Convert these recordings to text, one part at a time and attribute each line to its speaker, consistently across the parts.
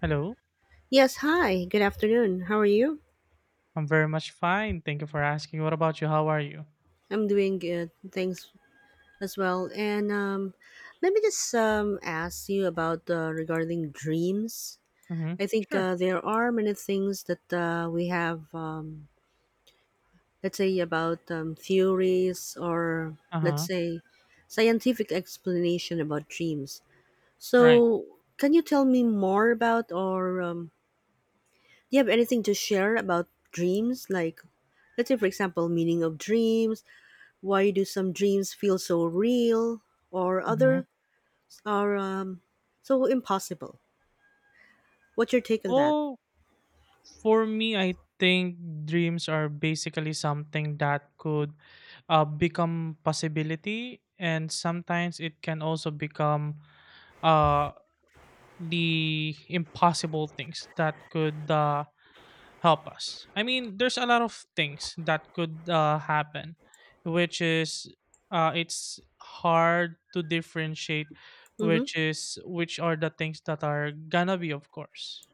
Speaker 1: Hello.
Speaker 2: Yes, hi. Good afternoon. How are you?
Speaker 1: I'm very much fine. Thank you for asking. What about you? How are you?
Speaker 2: I'm doing good. Thanks as well. And Let me just ask you about regarding dreams.
Speaker 1: Mm-hmm.
Speaker 2: I think
Speaker 1: Sure.
Speaker 2: there are many things that we have, let's say, about theories, or let's
Speaker 1: Uh-huh.
Speaker 2: say, scientific explanation about dreams.
Speaker 1: Right.
Speaker 2: So, can you tell me more about, or do you have anything to share about dreams? Like, let's say, for example, meaning of dreams, why do some dreams feel so real, or
Speaker 1: Mm-hmm.
Speaker 2: others are so impossible? What's your take on that?
Speaker 1: Well, for me, I think dreams are basically something that could become possibility, and sometimes it can also become uh, the impossible things that could help us. I mean, there's a lot of things that could happen, which is it's hard to differentiate
Speaker 2: Mm-hmm.
Speaker 1: which are the things that are gonna be, of course,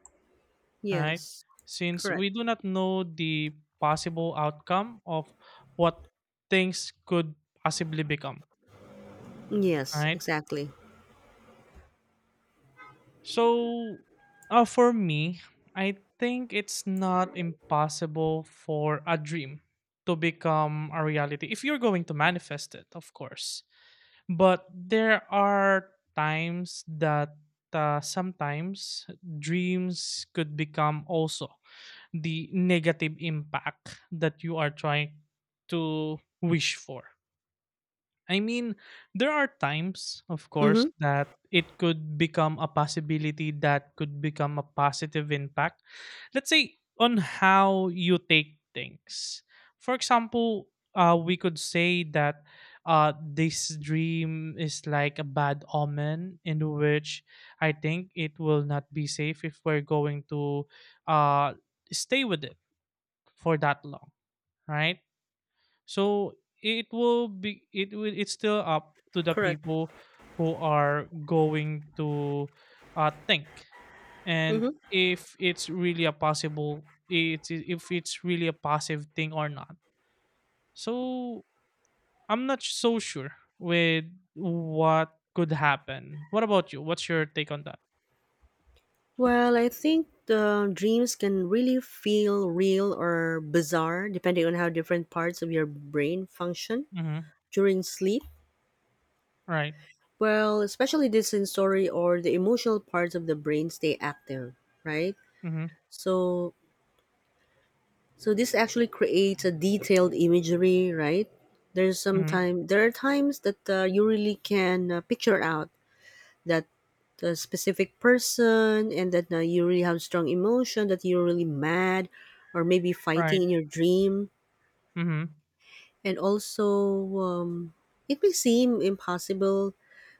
Speaker 1: right?
Speaker 2: Yes.
Speaker 1: Since
Speaker 2: Correct.
Speaker 1: we do not know the possible outcome of what things could possibly become,
Speaker 2: Yes,
Speaker 1: right?
Speaker 2: exactly.
Speaker 1: So, for me, I think it's not impossible for a dream to become a reality if you're going to manifest it, of course. But there are times that sometimes dreams could become also the negative impact that you are trying to wish for. I mean, there are times, of course,
Speaker 2: Mm-hmm.
Speaker 1: that it could become a possibility that could become a positive impact. Let's say on how you take things. For example, we could say that this dream is like a bad omen in which I think it will not be safe if we're going to uh, stay with it for that long, right? So it will be it will it's still up to the
Speaker 2: Correct.
Speaker 1: people who are going to think and
Speaker 2: Mm-hmm.
Speaker 1: if it's really a possible it's if it's really a positive thing or not. So I'm not so sure with what could happen. What about you? What's your take on that?
Speaker 2: Well, I think the dreams can really feel real or bizarre, depending on how different parts of your brain function
Speaker 1: Mm-hmm.
Speaker 2: during sleep.
Speaker 1: Right.
Speaker 2: Well, especially the sensory or the emotional parts of the brain stay active, right?
Speaker 1: Mm-hmm.
Speaker 2: So So this actually creates a detailed imagery, right? There's some
Speaker 1: Mm-hmm.
Speaker 2: time. There are times that you really can picture out that specific person, and that you really have strong emotion, that you're really mad, or maybe fighting
Speaker 1: Right.
Speaker 2: in your dream.
Speaker 1: Mm-hmm.
Speaker 2: And also, um, it may seem impossible.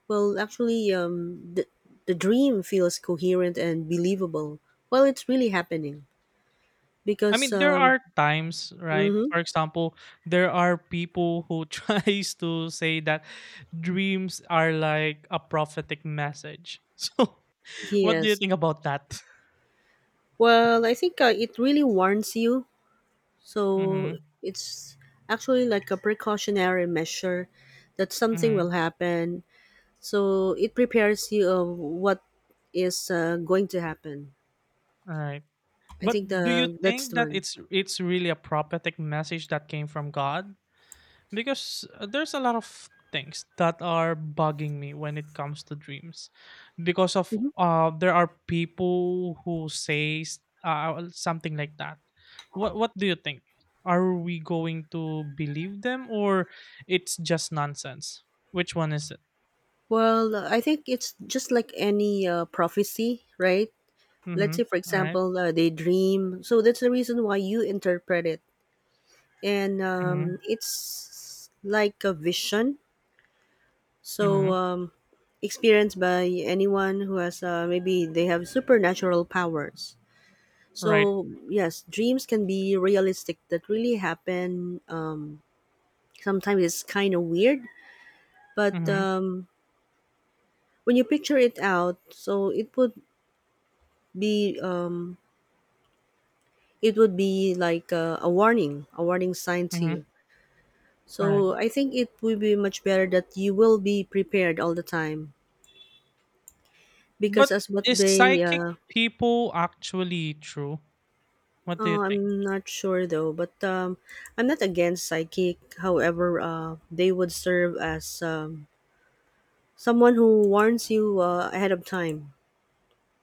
Speaker 2: Well, actually, the dream feels coherent and believable. Well, it's really happening
Speaker 1: I
Speaker 2: because,
Speaker 1: mean, there are times, right?
Speaker 2: hmm,
Speaker 1: For example, there are people who tries to say that dreams are like a prophetic message. So, what do you
Speaker 2: yes.
Speaker 1: think about that?
Speaker 2: Well, I think it really warns you.
Speaker 1: Mm-hmm.
Speaker 2: So it's actually like a precautionary measure that something
Speaker 1: Mm-hmm.
Speaker 2: will happen. So it prepares you of what is going to happen.
Speaker 1: All right.
Speaker 2: I
Speaker 1: But
Speaker 2: think
Speaker 1: do you
Speaker 2: the that's
Speaker 1: think
Speaker 2: the
Speaker 1: that
Speaker 2: one.
Speaker 1: it's really a prophetic message that came from God? Because, there's a lot of things that are bugging me when it comes to dreams because of
Speaker 2: Mhm.
Speaker 1: there are people who say something like that. What do you think? Are we going to believe them, or it's just nonsense? Which one is it?
Speaker 2: Well, I think it's just like any prophecy, right? Let's say,
Speaker 1: Mhm.
Speaker 2: for
Speaker 1: Right.
Speaker 2: example, they dream. So that's the reason why you interpret it, and
Speaker 1: Mhm.
Speaker 2: it's like a vision. So,
Speaker 1: Mhm.
Speaker 2: experienced by anyone who has, maybe they have supernatural powers.
Speaker 1: Right.
Speaker 2: So yes, dreams can be realistic that really happen. Sometimes it's kind of weird, but
Speaker 1: Mhm.
Speaker 2: um, when you picture it out, so be um, it would be like a warning, a warning sign to
Speaker 1: Mhm.
Speaker 2: you.
Speaker 1: Right.
Speaker 2: So I think it would be much better that you will be prepared all the time, because
Speaker 1: But
Speaker 2: as what
Speaker 1: is
Speaker 2: they
Speaker 1: psychic people actually true? What do you think?
Speaker 2: I'm not sure though, but I'm not against psychic. However, they would serve as someone who warns you ahead of time.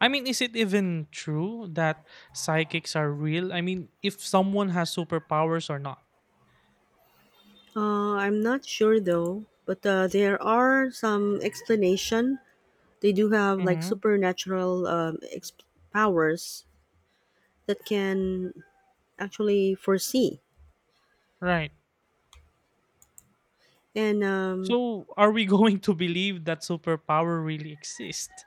Speaker 1: I mean, is it even true that psychics are real? I mean, if someone has superpowers or not.
Speaker 2: I'm not sure though, but there are some explanation. They do have like
Speaker 1: Hmm.
Speaker 2: supernatural powers that can actually foresee,
Speaker 1: Right.
Speaker 2: and
Speaker 1: So, are we going to believe that superpower really exist?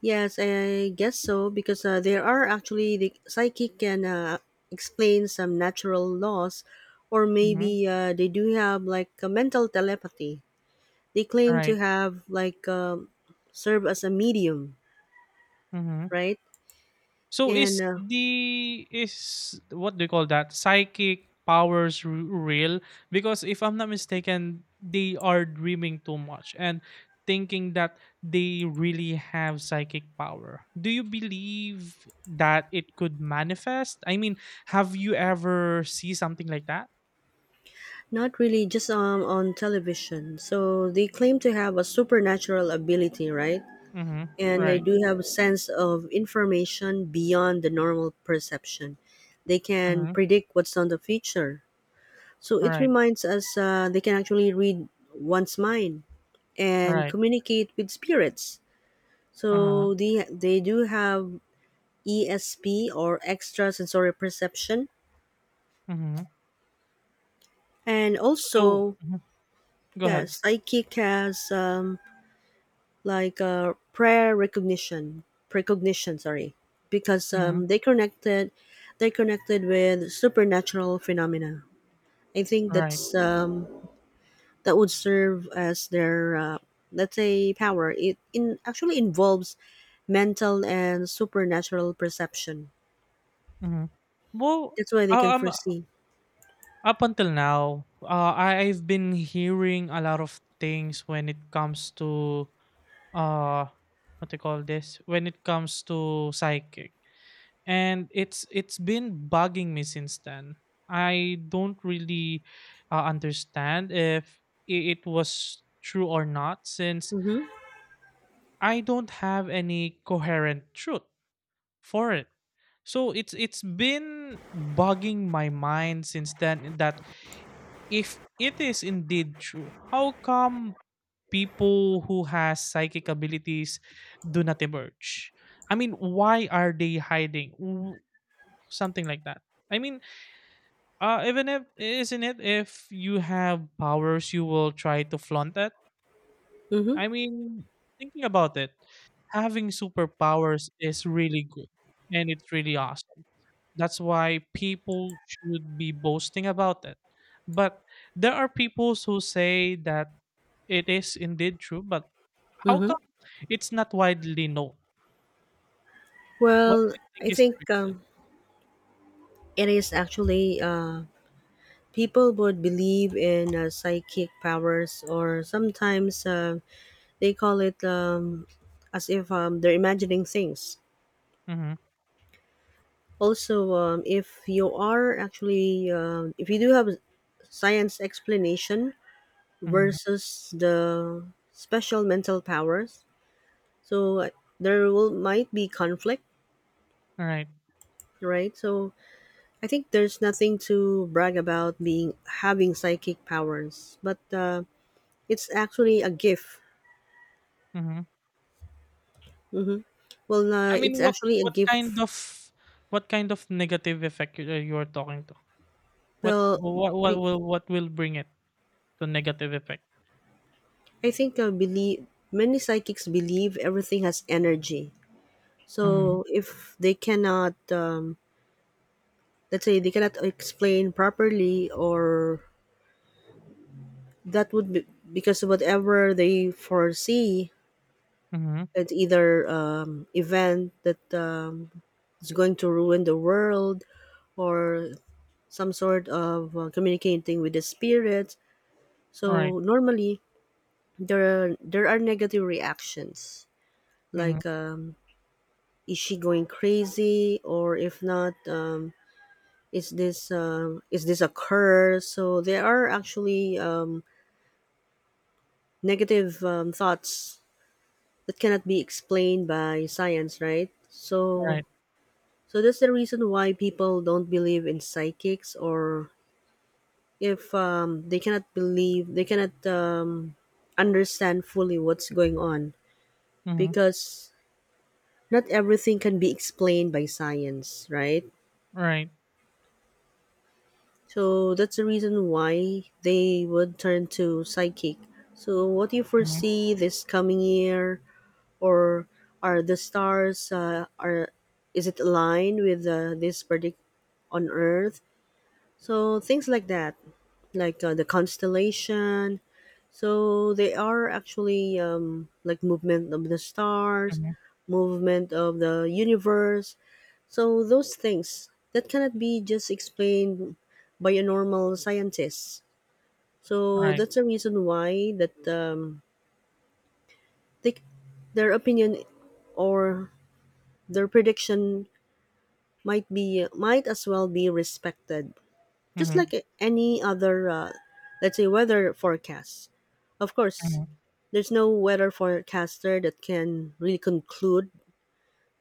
Speaker 2: yes, I guess so, because there are actually the psychic can explain some natural laws, or
Speaker 1: Hmm.
Speaker 2: maybe they do have like a mental telepathy. They claim to
Speaker 1: Right.
Speaker 2: have like serve as a medium,
Speaker 1: Mm-hmm.
Speaker 2: right?
Speaker 1: So
Speaker 2: And
Speaker 1: is the is what do you call that psychic powers real? Because if I'm not mistaken, they are dreaming too much and thinking that they really have psychic power. Do you believe that it could manifest? I mean, have you ever see something like that?
Speaker 2: not really, just on television. So they claim to have a supernatural ability, right?
Speaker 1: Mm-hmm.
Speaker 2: And they
Speaker 1: Right.
Speaker 2: do have a sense of information beyond the normal perception. They can
Speaker 1: Mm-hmm.
Speaker 2: predict what's on the future. So it
Speaker 1: Right.
Speaker 2: reminds us, they can actually read one's mind and
Speaker 1: Right.
Speaker 2: communicate with spirits.
Speaker 1: Uh-huh.
Speaker 2: So they do have ESP, or extrasensory perception.
Speaker 1: Mm-hmm.
Speaker 2: And
Speaker 1: So
Speaker 2: also,
Speaker 1: go
Speaker 2: yeah,
Speaker 1: ahead.
Speaker 2: psychic has like prayer recognition, precognition, sorry, because
Speaker 1: Mm-hmm.
Speaker 2: they connected with supernatural phenomena. I think
Speaker 1: Right.
Speaker 2: that's that would serve as their let's say power it in, actually involves mental and supernatural perception.
Speaker 1: Mm-hmm. Well,
Speaker 2: That's why they can
Speaker 1: I- I'm
Speaker 2: foresee.
Speaker 1: up until now, I've been hearing a lot of things when it comes to uh, what they call this, when it comes to psychic, and it's been bugging me since then. I don't really understand if it was true or not, since
Speaker 2: Mm-hmm,
Speaker 1: I don't have any coherent truth for it. So it's been bugging my mind since then that if it is indeed true, how come people who has psychic abilities do not emerge? I mean, why are they hiding? Something like that. I mean, even if isn't it if you have powers, you will try to flaunt it.
Speaker 2: mm-hmm,
Speaker 1: I mean, thinking about it, having superpowers is really good and it's really awesome. That's why people should be boasting about it. But there are people who say that it is indeed true, but how
Speaker 2: mm-hmm.
Speaker 1: come it's not widely known? What
Speaker 2: well
Speaker 1: do you
Speaker 2: i
Speaker 1: think is the
Speaker 2: think
Speaker 1: reason?
Speaker 2: um, it is actually people would believe in psychic powers, or sometimes they call it as if they're imagining things.
Speaker 1: Mm-hmm.
Speaker 2: Also, if you are actually if you do have a science explanation
Speaker 1: Mm-hmm.
Speaker 2: versus the special mental powers. So there will might be conflict,
Speaker 1: All right.
Speaker 2: right? So I think there's nothing to brag about being having psychic powers, but it's actually a gift.
Speaker 1: Mm-hmm.
Speaker 2: Well,
Speaker 1: I mean,
Speaker 2: it's actually a
Speaker 1: what kind
Speaker 2: gift.
Speaker 1: of what kind of negative effect you are talking to? What
Speaker 2: Well,
Speaker 1: what what
Speaker 2: be,
Speaker 1: will what will bring it to negative effect?
Speaker 2: I think believe many psychics believe everything has energy.
Speaker 1: Mhm.
Speaker 2: So if they cannot, let's say they cannot explain properly, or that would be, because whatever they foresee,
Speaker 1: Mhm.
Speaker 2: it's either event that is going to ruin the world, or some sort of communicating with the spirits.
Speaker 1: Right.
Speaker 2: So normally there there are negative reactions,
Speaker 1: Mhm.
Speaker 2: like is she going crazy, or if not, is this is this a curse? So there are actually negative thoughts that cannot be explained by science, right? So
Speaker 1: Right.
Speaker 2: so that's the reason why people don't believe in psychics, or if they cannot understand fully what's going on,
Speaker 1: Mhm.
Speaker 2: because not everything can be explained by science, right?
Speaker 1: Right.
Speaker 2: So that's the reason why they would turn to psychic. So what do you
Speaker 1: Mhm.
Speaker 2: foresee this coming year? Or are the stars are is it aligned with this predict on earth, so things like that, like the constellation, so they are actually like movement of the stars,
Speaker 1: Mhm.
Speaker 2: movement of the universe, so those things that cannot be just explained by a normal scientist. So
Speaker 1: Right.
Speaker 2: that's the reason why that they, their opinion, or their prediction, might be might as well be respected, just
Speaker 1: Mhm.
Speaker 2: like any other let's say weather forecast. Of course,
Speaker 1: Mhm.
Speaker 2: there's no weather forecaster that can really conclude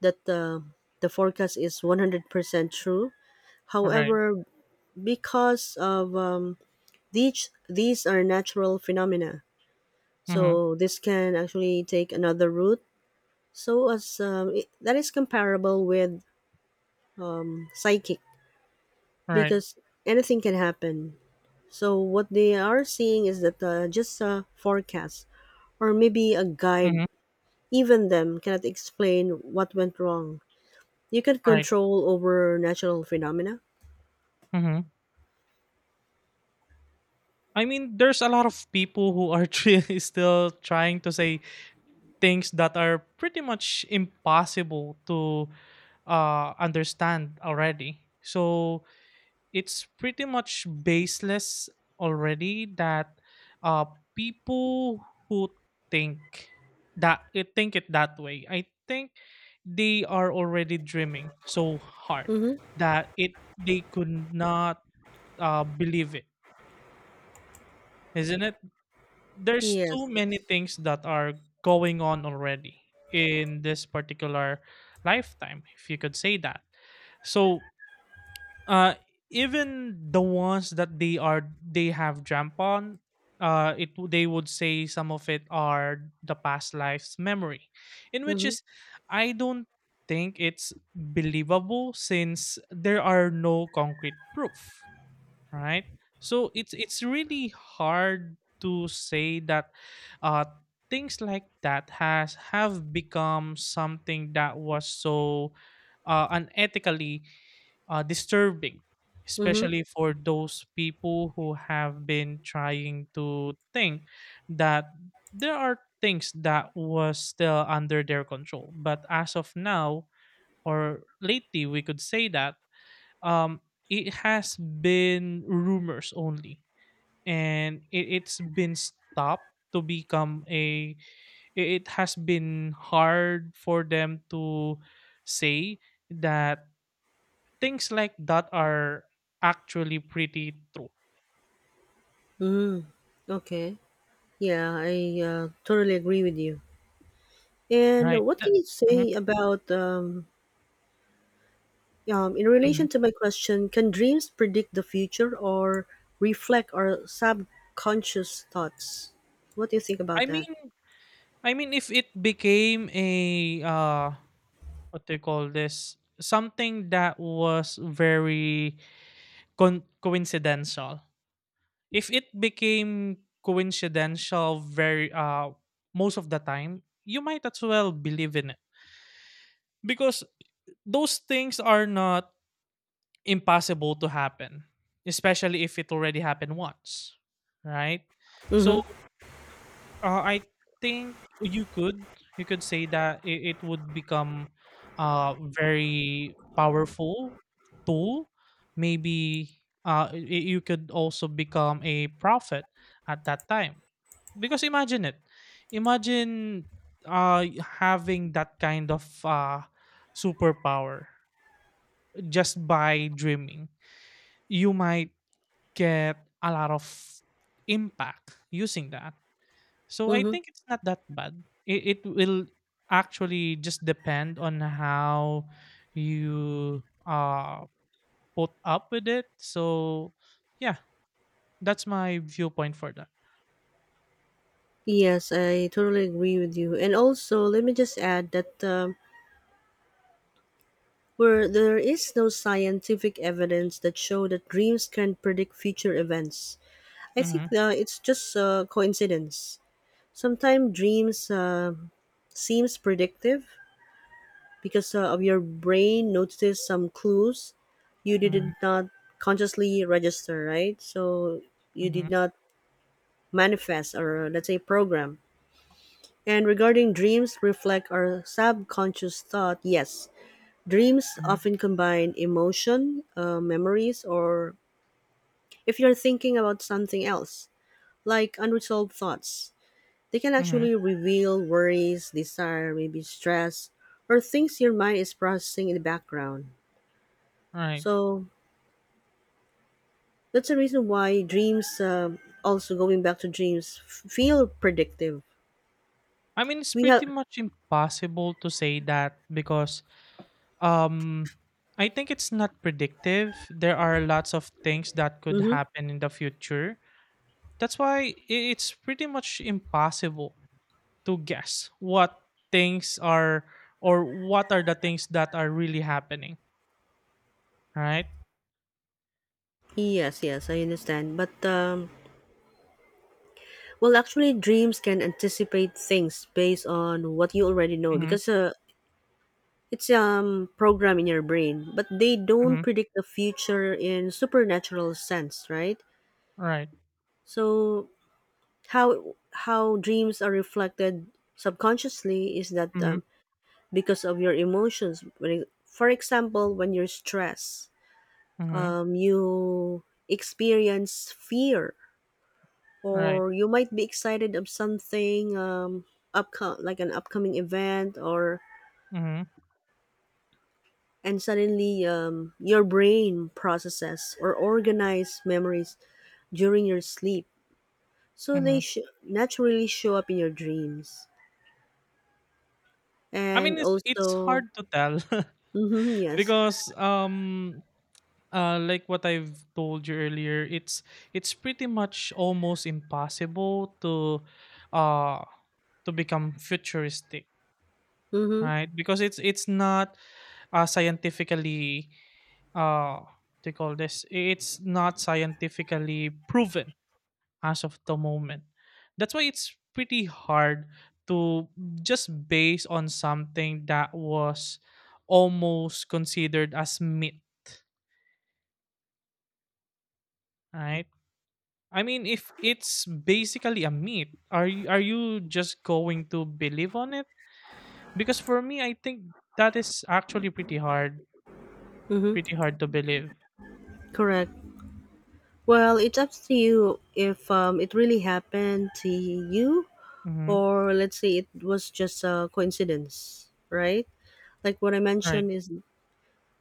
Speaker 2: that the forecast is 100% true.
Speaker 1: Right.
Speaker 2: However, because of these are natural phenomena,
Speaker 1: Mhm.
Speaker 2: so this can actually take another route. So as it, that is comparable with psychic,
Speaker 1: Right.
Speaker 2: because anything can happen. So what they are seeing is that just a forecast or maybe a guide.
Speaker 1: Mhm.
Speaker 2: Even them cannot explain what went wrong. You can
Speaker 1: Right.
Speaker 2: control over natural phenomena.
Speaker 1: Mhm. I mean, there's a lot of people who are still trying to say things that are pretty much impossible to understand already. So it's pretty much baseless already that uh people who think that, think it that way. I think they are already dreaming so hard
Speaker 2: Mm-hmm.
Speaker 1: that it they could not believe it. Isn't it? There's too
Speaker 2: Yes.
Speaker 1: many
Speaker 2: Yes.
Speaker 1: things that are going on already in this particular lifetime, if you could say that. So, uh even the ones that they are they have jump on, they would say some of it are the past life's memory, in which
Speaker 2: Mm-hmm.
Speaker 1: is I don't think it's believable since there are no concrete proof, right? So it's really hard to say that, uh things like that has have become something that was so, unethically, disturbing,
Speaker 2: Mm-hmm.
Speaker 1: especially for those people who have been trying to think that there are things that was still under their control. But as of now, or lately, we could say that um, it has been rumors only, and it's been stopped to become a it it has been hard for them to say that things like that are actually pretty true,
Speaker 2: Mm-hmm. Okay. Yeah, I totally agree with you.
Speaker 1: right?
Speaker 2: And what
Speaker 1: That
Speaker 2: can you
Speaker 1: mhm,
Speaker 2: say about in
Speaker 1: mhm.
Speaker 2: relation to my question? Can dreams predict the future or reflect our subconscious thoughts? What do you think about
Speaker 1: I
Speaker 2: that?
Speaker 1: mean I mean, if it became a, uh, what do you call this? Something that was very con coincidental. If it became coincidental very most of the time, you might as well believe in it. Because those things are not impossible to happen, especially if it already happened once, right? So
Speaker 2: Mm-hmm.
Speaker 1: I think you could say that it would become a very powerful tool. Maybe uh, y- you could also become a prophet at that time because imagine it, imagine uh, having that kind of superpower just by dreaming. You might get a lot of impact using that. So I
Speaker 2: Mm-hmm.
Speaker 1: think it's not that bad. It will actually just depend on how you put up with it. So yeah, that's my viewpoint for that.
Speaker 2: Yes, I totally agree with you. And also, let me just add that where there is no scientific evidence that show that dreams can predict future events, I think
Speaker 1: Mm-hmm,
Speaker 2: it's just coincidence. Sometimes dreams seems predictive because of your brain notices some clues you did
Speaker 1: mm-hmm,
Speaker 2: not consciously register, right? So you
Speaker 1: mm-hmm,
Speaker 2: did not manifest, or let's say, program. And regarding dreams reflect our subconscious thought, yes, dreams
Speaker 1: mm-hmm,
Speaker 2: often combine emotion, memories, or if you're thinking about something else, like unresolved thoughts, they can
Speaker 1: mm-hmm.
Speaker 2: actually reveal worries, desire, maybe stress, or things your mind is processing in the background.
Speaker 1: Right.
Speaker 2: So that's the reason why dreams, also going back to dreams, feel predictive.
Speaker 1: I mean, it's
Speaker 2: We have.
Speaker 1: pretty much impossible to say that because um, I think it's not predictive. There are lots of things that could
Speaker 2: Hmm.
Speaker 1: happen in the future. That's why it's pretty much impossible to guess what things are or what are the things that are really happening, right?
Speaker 2: Yes, yes, I understand. But well, actually, dreams can anticipate things based on what you already know,
Speaker 1: Mm-hmm,
Speaker 2: because it's program in your brain, but they don't
Speaker 1: mm-hmm,
Speaker 2: predict the future in supernatural sense, right?
Speaker 1: right.
Speaker 2: So how how dreams are reflected subconsciously is that
Speaker 1: Mm-hmm,
Speaker 2: because of your emotions. When it, for example, when you're stressed,
Speaker 1: mm-hmm,
Speaker 2: you experience fear,
Speaker 1: right.
Speaker 2: or you might be excited of something, like an upcoming event, or
Speaker 1: Mm-hmm,
Speaker 2: and suddenly, your brain processes or organize memories during your sleep, so
Speaker 1: mm-hmm.
Speaker 2: they naturally show up in your dreams,
Speaker 1: I mean,
Speaker 2: and
Speaker 1: it's
Speaker 2: also
Speaker 1: hard to tell
Speaker 2: mm-hmm, yes,
Speaker 1: because like what I've told you earlier, it's pretty much almost impossible to uh to become futuristic,
Speaker 2: mm-hmm,
Speaker 1: right? Because it's not scientifically uh to call this, it's not scientifically proven as of the moment. That's why it's pretty hard to just base on something that was almost considered as myth, right? I mean, if it's basically a myth, are you just going to believe on it? Because for me, I think that is actually
Speaker 2: mm-hmm,
Speaker 1: pretty hard to believe.
Speaker 2: correct. Well, it's up to you if it really happened to you,
Speaker 1: Mm-hmm.
Speaker 2: or let's say it was just a coincidence, right? Like what I
Speaker 1: Right.
Speaker 2: mentioned is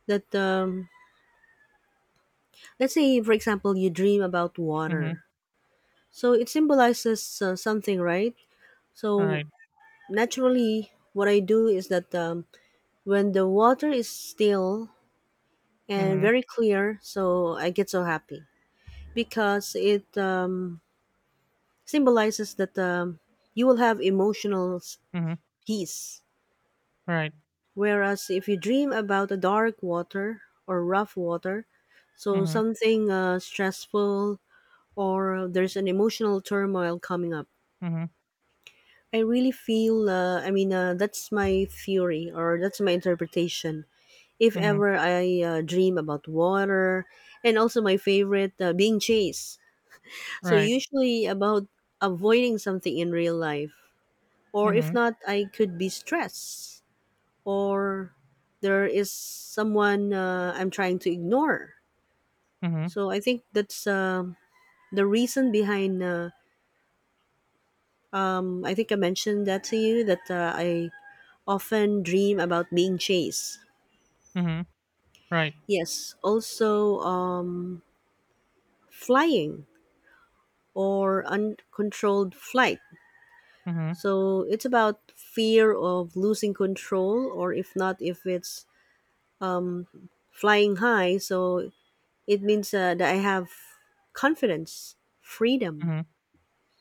Speaker 2: that, let's say for example you dream about water,
Speaker 1: Mm-hmm.
Speaker 2: so it symbolizes something, right? So
Speaker 1: Right.
Speaker 2: naturally what I do is that, when the water is still and
Speaker 1: Mm-hmm.
Speaker 2: very clear, so I get so happy, because it symbolizes that, you will have emotional
Speaker 1: Mm-hmm.
Speaker 2: peace,
Speaker 1: Right.
Speaker 2: whereas if you dream about a dark water or rough water, so
Speaker 1: Mm-hmm.
Speaker 2: something stressful, or there's an emotional turmoil coming up.
Speaker 1: Mm-hmm.
Speaker 2: I really feel, I mean, that's my theory, or that's my interpretation. If
Speaker 1: Mm-hmm.
Speaker 2: ever I dream about water. And also my favorite, being chased. So,
Speaker 1: Right.
Speaker 2: usually about avoiding something in real life, or if
Speaker 1: Mm-hmm.
Speaker 2: not, I could be stressed, or there is someone I'm trying to ignore.
Speaker 1: Mm-hmm.
Speaker 2: So, I think that's the reason behind. I think I mentioned that to you that I often dream about being chased.
Speaker 1: Mm-hmm. Right.
Speaker 2: Yes, also flying, or uncontrolled flight.
Speaker 1: Mm-hmm.
Speaker 2: So it's about fear of losing control, or if not, if it's flying high, so it means that I have confidence, freedom.
Speaker 1: Mm-hmm.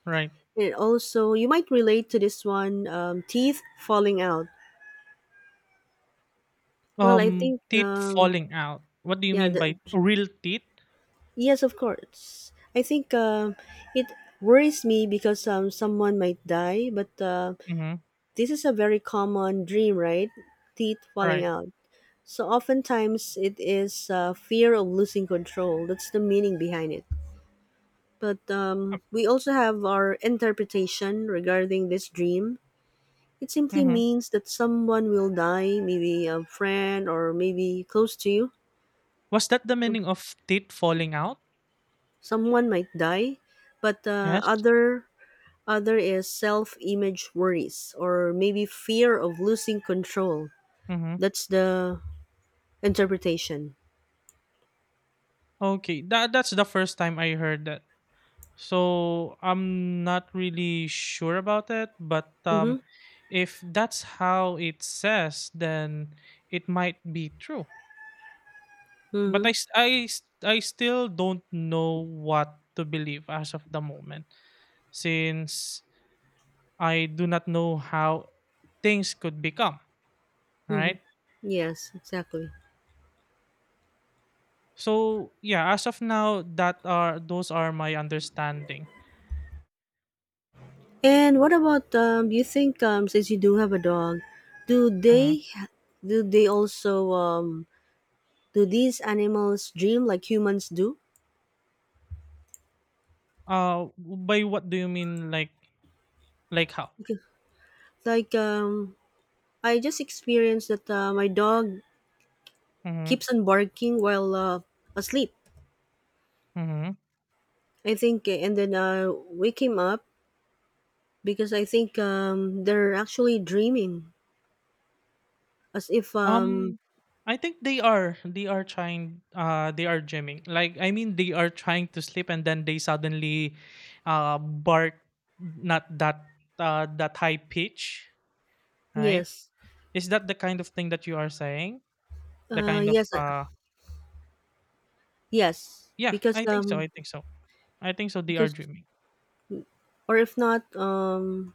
Speaker 1: Right.
Speaker 2: And also, you might relate to this one, teeth falling out. Well, I
Speaker 1: Um,
Speaker 2: think,
Speaker 1: teeth falling out. What do you
Speaker 2: yeah,
Speaker 1: mean by real teeth?
Speaker 2: yes, of course. I think it worries me because someone might die, but
Speaker 1: Mm-hmm.
Speaker 2: this is a very common dream, right? Teeth falling
Speaker 1: Right.
Speaker 2: out. So oftentimes it is fear of losing control. That's the meaning behind it. But
Speaker 1: Uh,
Speaker 2: we also have our interpretation regarding this dream. It simply
Speaker 1: Mm-hmm.
Speaker 2: means that someone will die, maybe a friend or maybe close to you.
Speaker 1: Was that the meaning of teeth falling out?
Speaker 2: Someone might die, but
Speaker 1: Yes.
Speaker 2: other, other is self-image worries or maybe fear of losing control.
Speaker 1: Mm-hmm.
Speaker 2: That's the interpretation.
Speaker 1: Okay, that's the first time I heard that. So I'm not really sure about it, but
Speaker 2: Mhm.
Speaker 1: if that's how it says, then it might be true. But I,
Speaker 2: Mhm.
Speaker 1: s- I, s- I still don't know what to believe as of the moment, since I do not know how things could become.
Speaker 2: Mhm.
Speaker 1: Right.
Speaker 2: Yes, exactly.
Speaker 1: So yeah, as of now, that are those are my understanding.
Speaker 2: And what about do you think since you do have a dog, do
Speaker 1: Mhm.
Speaker 2: they do they also do these animals dream like humans do?
Speaker 1: By what do you mean, like? Like how?
Speaker 2: Okay. Like I just experienced that my dog
Speaker 1: Mhm.
Speaker 2: keeps on barking while asleep.
Speaker 1: Mhm.
Speaker 2: I think and then wake him up because I think they're actually dreaming, as if
Speaker 1: Um I think they are trying they are gymming. Like I mean they are trying to sleep and then they suddenly bark, not that that high pitch, right?
Speaker 2: yes,
Speaker 1: Is that the kind of thing that you are saying? The kind of
Speaker 2: yes, yes,
Speaker 1: yeah, I think so. I think so. I think so they are
Speaker 2: because
Speaker 1: dreaming.
Speaker 2: or if not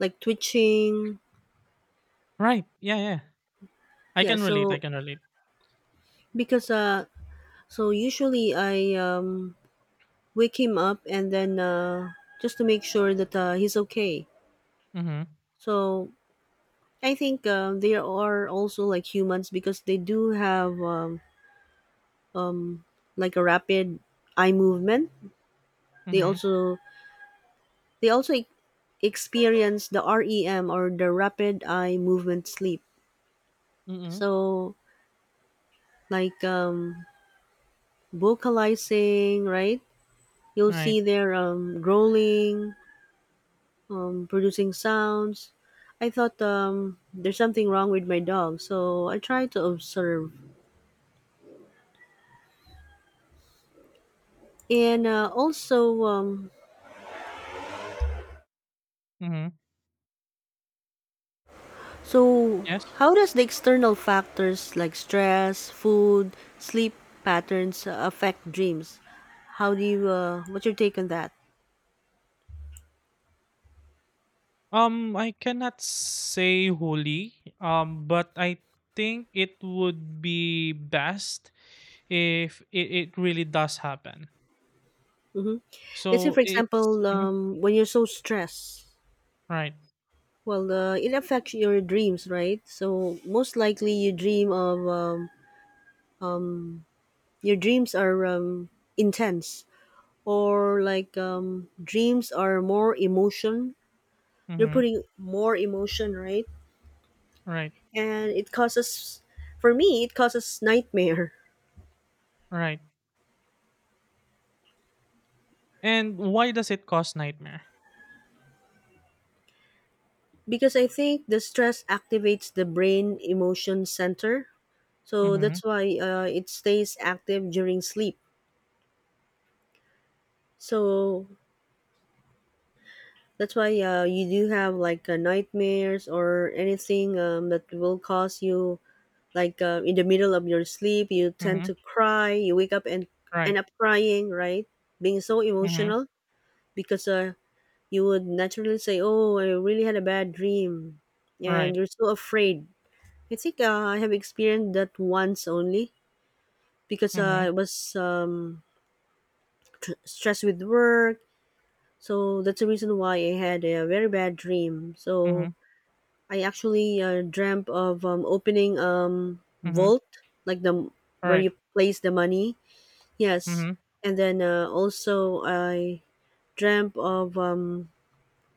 Speaker 2: like twitching,
Speaker 1: Right. Yeah, yeah. I
Speaker 2: yeah.
Speaker 1: can relate.
Speaker 2: So
Speaker 1: I can relate.
Speaker 2: because so usually I wake him up and then just to make sure that he's okay.
Speaker 1: Mhm.
Speaker 2: So I think they are also like humans because they do have um, like a rapid eye movement. They
Speaker 1: Mhm.
Speaker 2: also They also experience the REM or the rapid eye movement sleep.
Speaker 1: Mhm.
Speaker 2: So like vocalizing, right? You'll
Speaker 1: Right.
Speaker 2: see their growling, producing sounds. I thought there's something wrong with my dog, so I try to observe. And also,
Speaker 1: Mhm.
Speaker 2: so
Speaker 1: Yes.
Speaker 2: how does the external factors like stress, food, sleep patterns affect dreams? How do you? What's your take on that?
Speaker 1: I cannot say wholly, but I think it would be best if it really does happen.
Speaker 2: hmm Let's say,
Speaker 1: So
Speaker 2: for
Speaker 1: it's
Speaker 2: example,
Speaker 1: mhm,
Speaker 2: when you're so stressed,
Speaker 1: right,
Speaker 2: well, it affects your dreams, right? So most likely, you dream of, your dreams are intense, or like dreams are more emotion. You're
Speaker 1: mm-hmm,
Speaker 2: putting more emotion, right?
Speaker 1: right,
Speaker 2: And it causes, for me, it causes nightmare.
Speaker 1: right. And why does it cause nightmare?
Speaker 2: Because I think the stress activates the brain emotion center. So
Speaker 1: Mm-hmm,
Speaker 2: that's why it stays active during sleep. So that's why you do have like nightmares or anything that will cause you like in the middle of your sleep, you tend
Speaker 1: mm-hmm,
Speaker 2: to cry. You wake up and
Speaker 1: right,
Speaker 2: end up crying, right? Being so
Speaker 1: mm-hmm,
Speaker 2: emotional because you would naturally say, "Oh, I really had a bad dream," and
Speaker 1: right,
Speaker 2: you're so afraid. I think I have experienced that once only because
Speaker 1: mm-hmm,
Speaker 2: I was stressed with work. So that's the reason why I had a very bad dream. So
Speaker 1: mm-hmm,
Speaker 2: I actually dreamt of opening
Speaker 1: mm-hmm,
Speaker 2: vault like the where
Speaker 1: right,
Speaker 2: you place the money. Yes,
Speaker 1: mm-hmm,
Speaker 2: and then also I dreamt of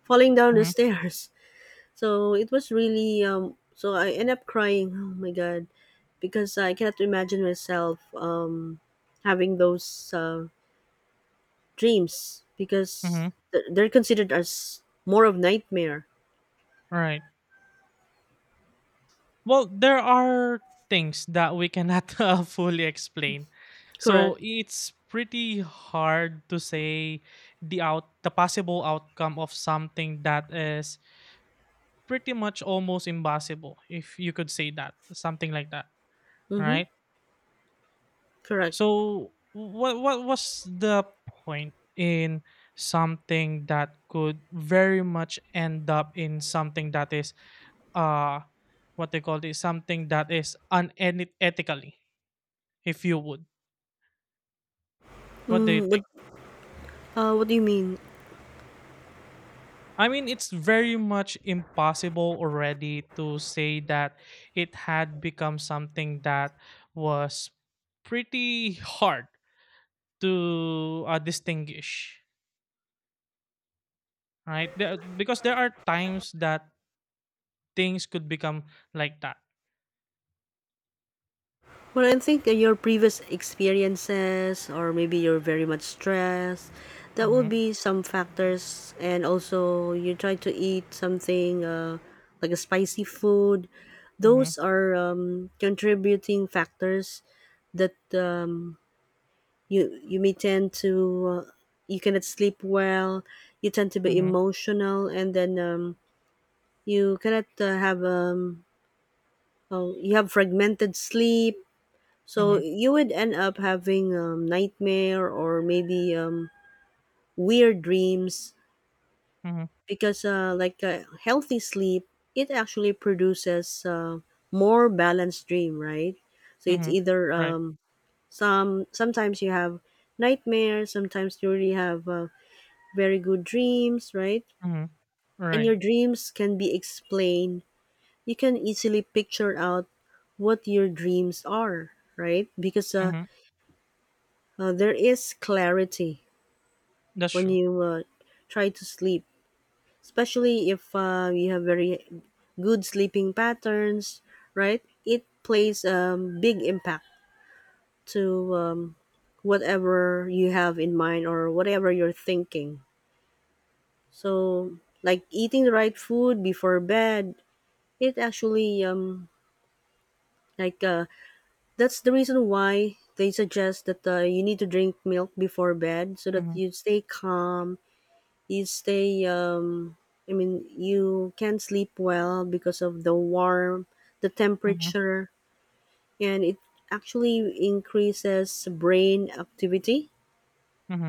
Speaker 2: falling down the
Speaker 1: mm-hmm,
Speaker 2: stairs. So it was really so I end up crying. Oh my god, because I cannot imagine myself having those uh, dreams because
Speaker 1: mm-hmm,
Speaker 2: they're considered as more of nightmare.
Speaker 1: right. Well, there are things that we cannot fully explain. So
Speaker 2: Correct.
Speaker 1: it's pretty hard to say the possible outcome of something that is pretty much almost impossible, if you could say that, something like that,
Speaker 2: Mm-hmm.
Speaker 1: right?
Speaker 2: Correct.
Speaker 1: So what was the point in something that could very much end up in something that is, uh what they call this, something that is unethically, if you would? What do you
Speaker 2: Mm,
Speaker 1: think?
Speaker 2: what do you mean?
Speaker 1: I mean, it's very much impossible already to say that it had become something that was pretty hard to distinguish, right? Because there are times that things could become like that.
Speaker 2: Well, I think your previous experiences, or maybe you're very much stressed, that would
Speaker 1: Mm-hmm,
Speaker 2: be some factors. And also, you try to eat something like a spicy food.
Speaker 1: mm-hmm,
Speaker 2: Those are contributing factors that you may tend to uh, you cannot sleep well. You tend to be
Speaker 1: mm-hmm,
Speaker 2: emotional, and then you cannot have oh, you have fragmented sleep, so
Speaker 1: mm-hmm,
Speaker 2: you would end up having nightmare or maybe weird dreams
Speaker 1: mm-hmm,
Speaker 2: because like a healthy sleep, it actually produces more balanced dream, right? So it's
Speaker 1: mm-hmm.
Speaker 2: either
Speaker 1: Right.
Speaker 2: some sometimes you have nightmares, sometimes you really have very good dreams, right?
Speaker 1: Mm-hmm,
Speaker 2: And
Speaker 1: right.
Speaker 2: your dreams can be explained. You can easily picture out what your dreams are, right? Because
Speaker 1: Mm-hmm.
Speaker 2: there is clarity
Speaker 1: That's
Speaker 2: when
Speaker 1: true.
Speaker 2: you try to sleep, especially if you have very good sleeping patterns, right? It plays a big impact to whatever you have in mind or whatever you're thinking. So, like eating the right food before bed, it actually like uh that's the reason why they suggest that you need to drink milk before bed so that
Speaker 1: Mm-hmm,
Speaker 2: you stay calm, you stay, you can't sleep well because of the warm, the
Speaker 1: mm-hmm,
Speaker 2: temperature, and it actually increases brain activity,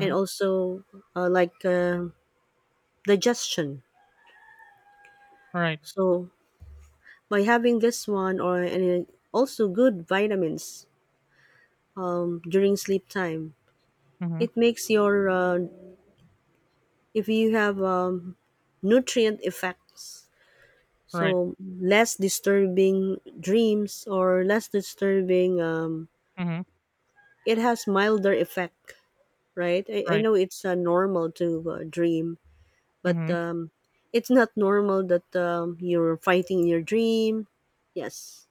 Speaker 2: and also uh, like uh, digestion,
Speaker 1: Right.
Speaker 2: so by having this one or and also good vitamins during sleep time,
Speaker 1: Mm-hmm,
Speaker 2: it makes your if you have nutrient effects.
Speaker 1: right.
Speaker 2: So less disturbing dreams or less disturbing.
Speaker 1: Mm-hmm,
Speaker 2: It has milder effect, right? I
Speaker 1: right.
Speaker 2: know it's normal to dream, but
Speaker 1: Mm-hmm.
Speaker 2: it's not normal that you're fighting in your dream. Yes,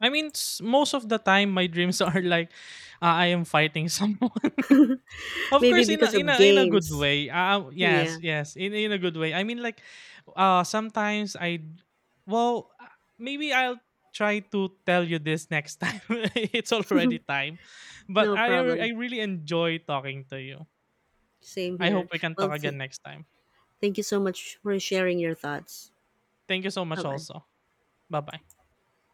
Speaker 1: I mean, most of the time, my dreams are like I am fighting someone. of
Speaker 2: maybe
Speaker 1: course, in a
Speaker 2: because
Speaker 1: in
Speaker 2: of
Speaker 1: a in a good
Speaker 2: games.
Speaker 1: way.
Speaker 2: Yeah,
Speaker 1: Yes, yes, in a good way. I mean, like, sometimes I, well, maybe I'll try to tell you this next time. It's already time, but
Speaker 2: no
Speaker 1: I
Speaker 2: problem.
Speaker 1: really enjoy talking to you.
Speaker 2: Same
Speaker 1: I hope
Speaker 2: here.
Speaker 1: we can
Speaker 2: Well,
Speaker 1: talk again next time.
Speaker 2: thank you so much for sharing your thoughts.
Speaker 1: Thank you so
Speaker 2: Bye
Speaker 1: much.
Speaker 2: bye.
Speaker 1: Also, bye bye.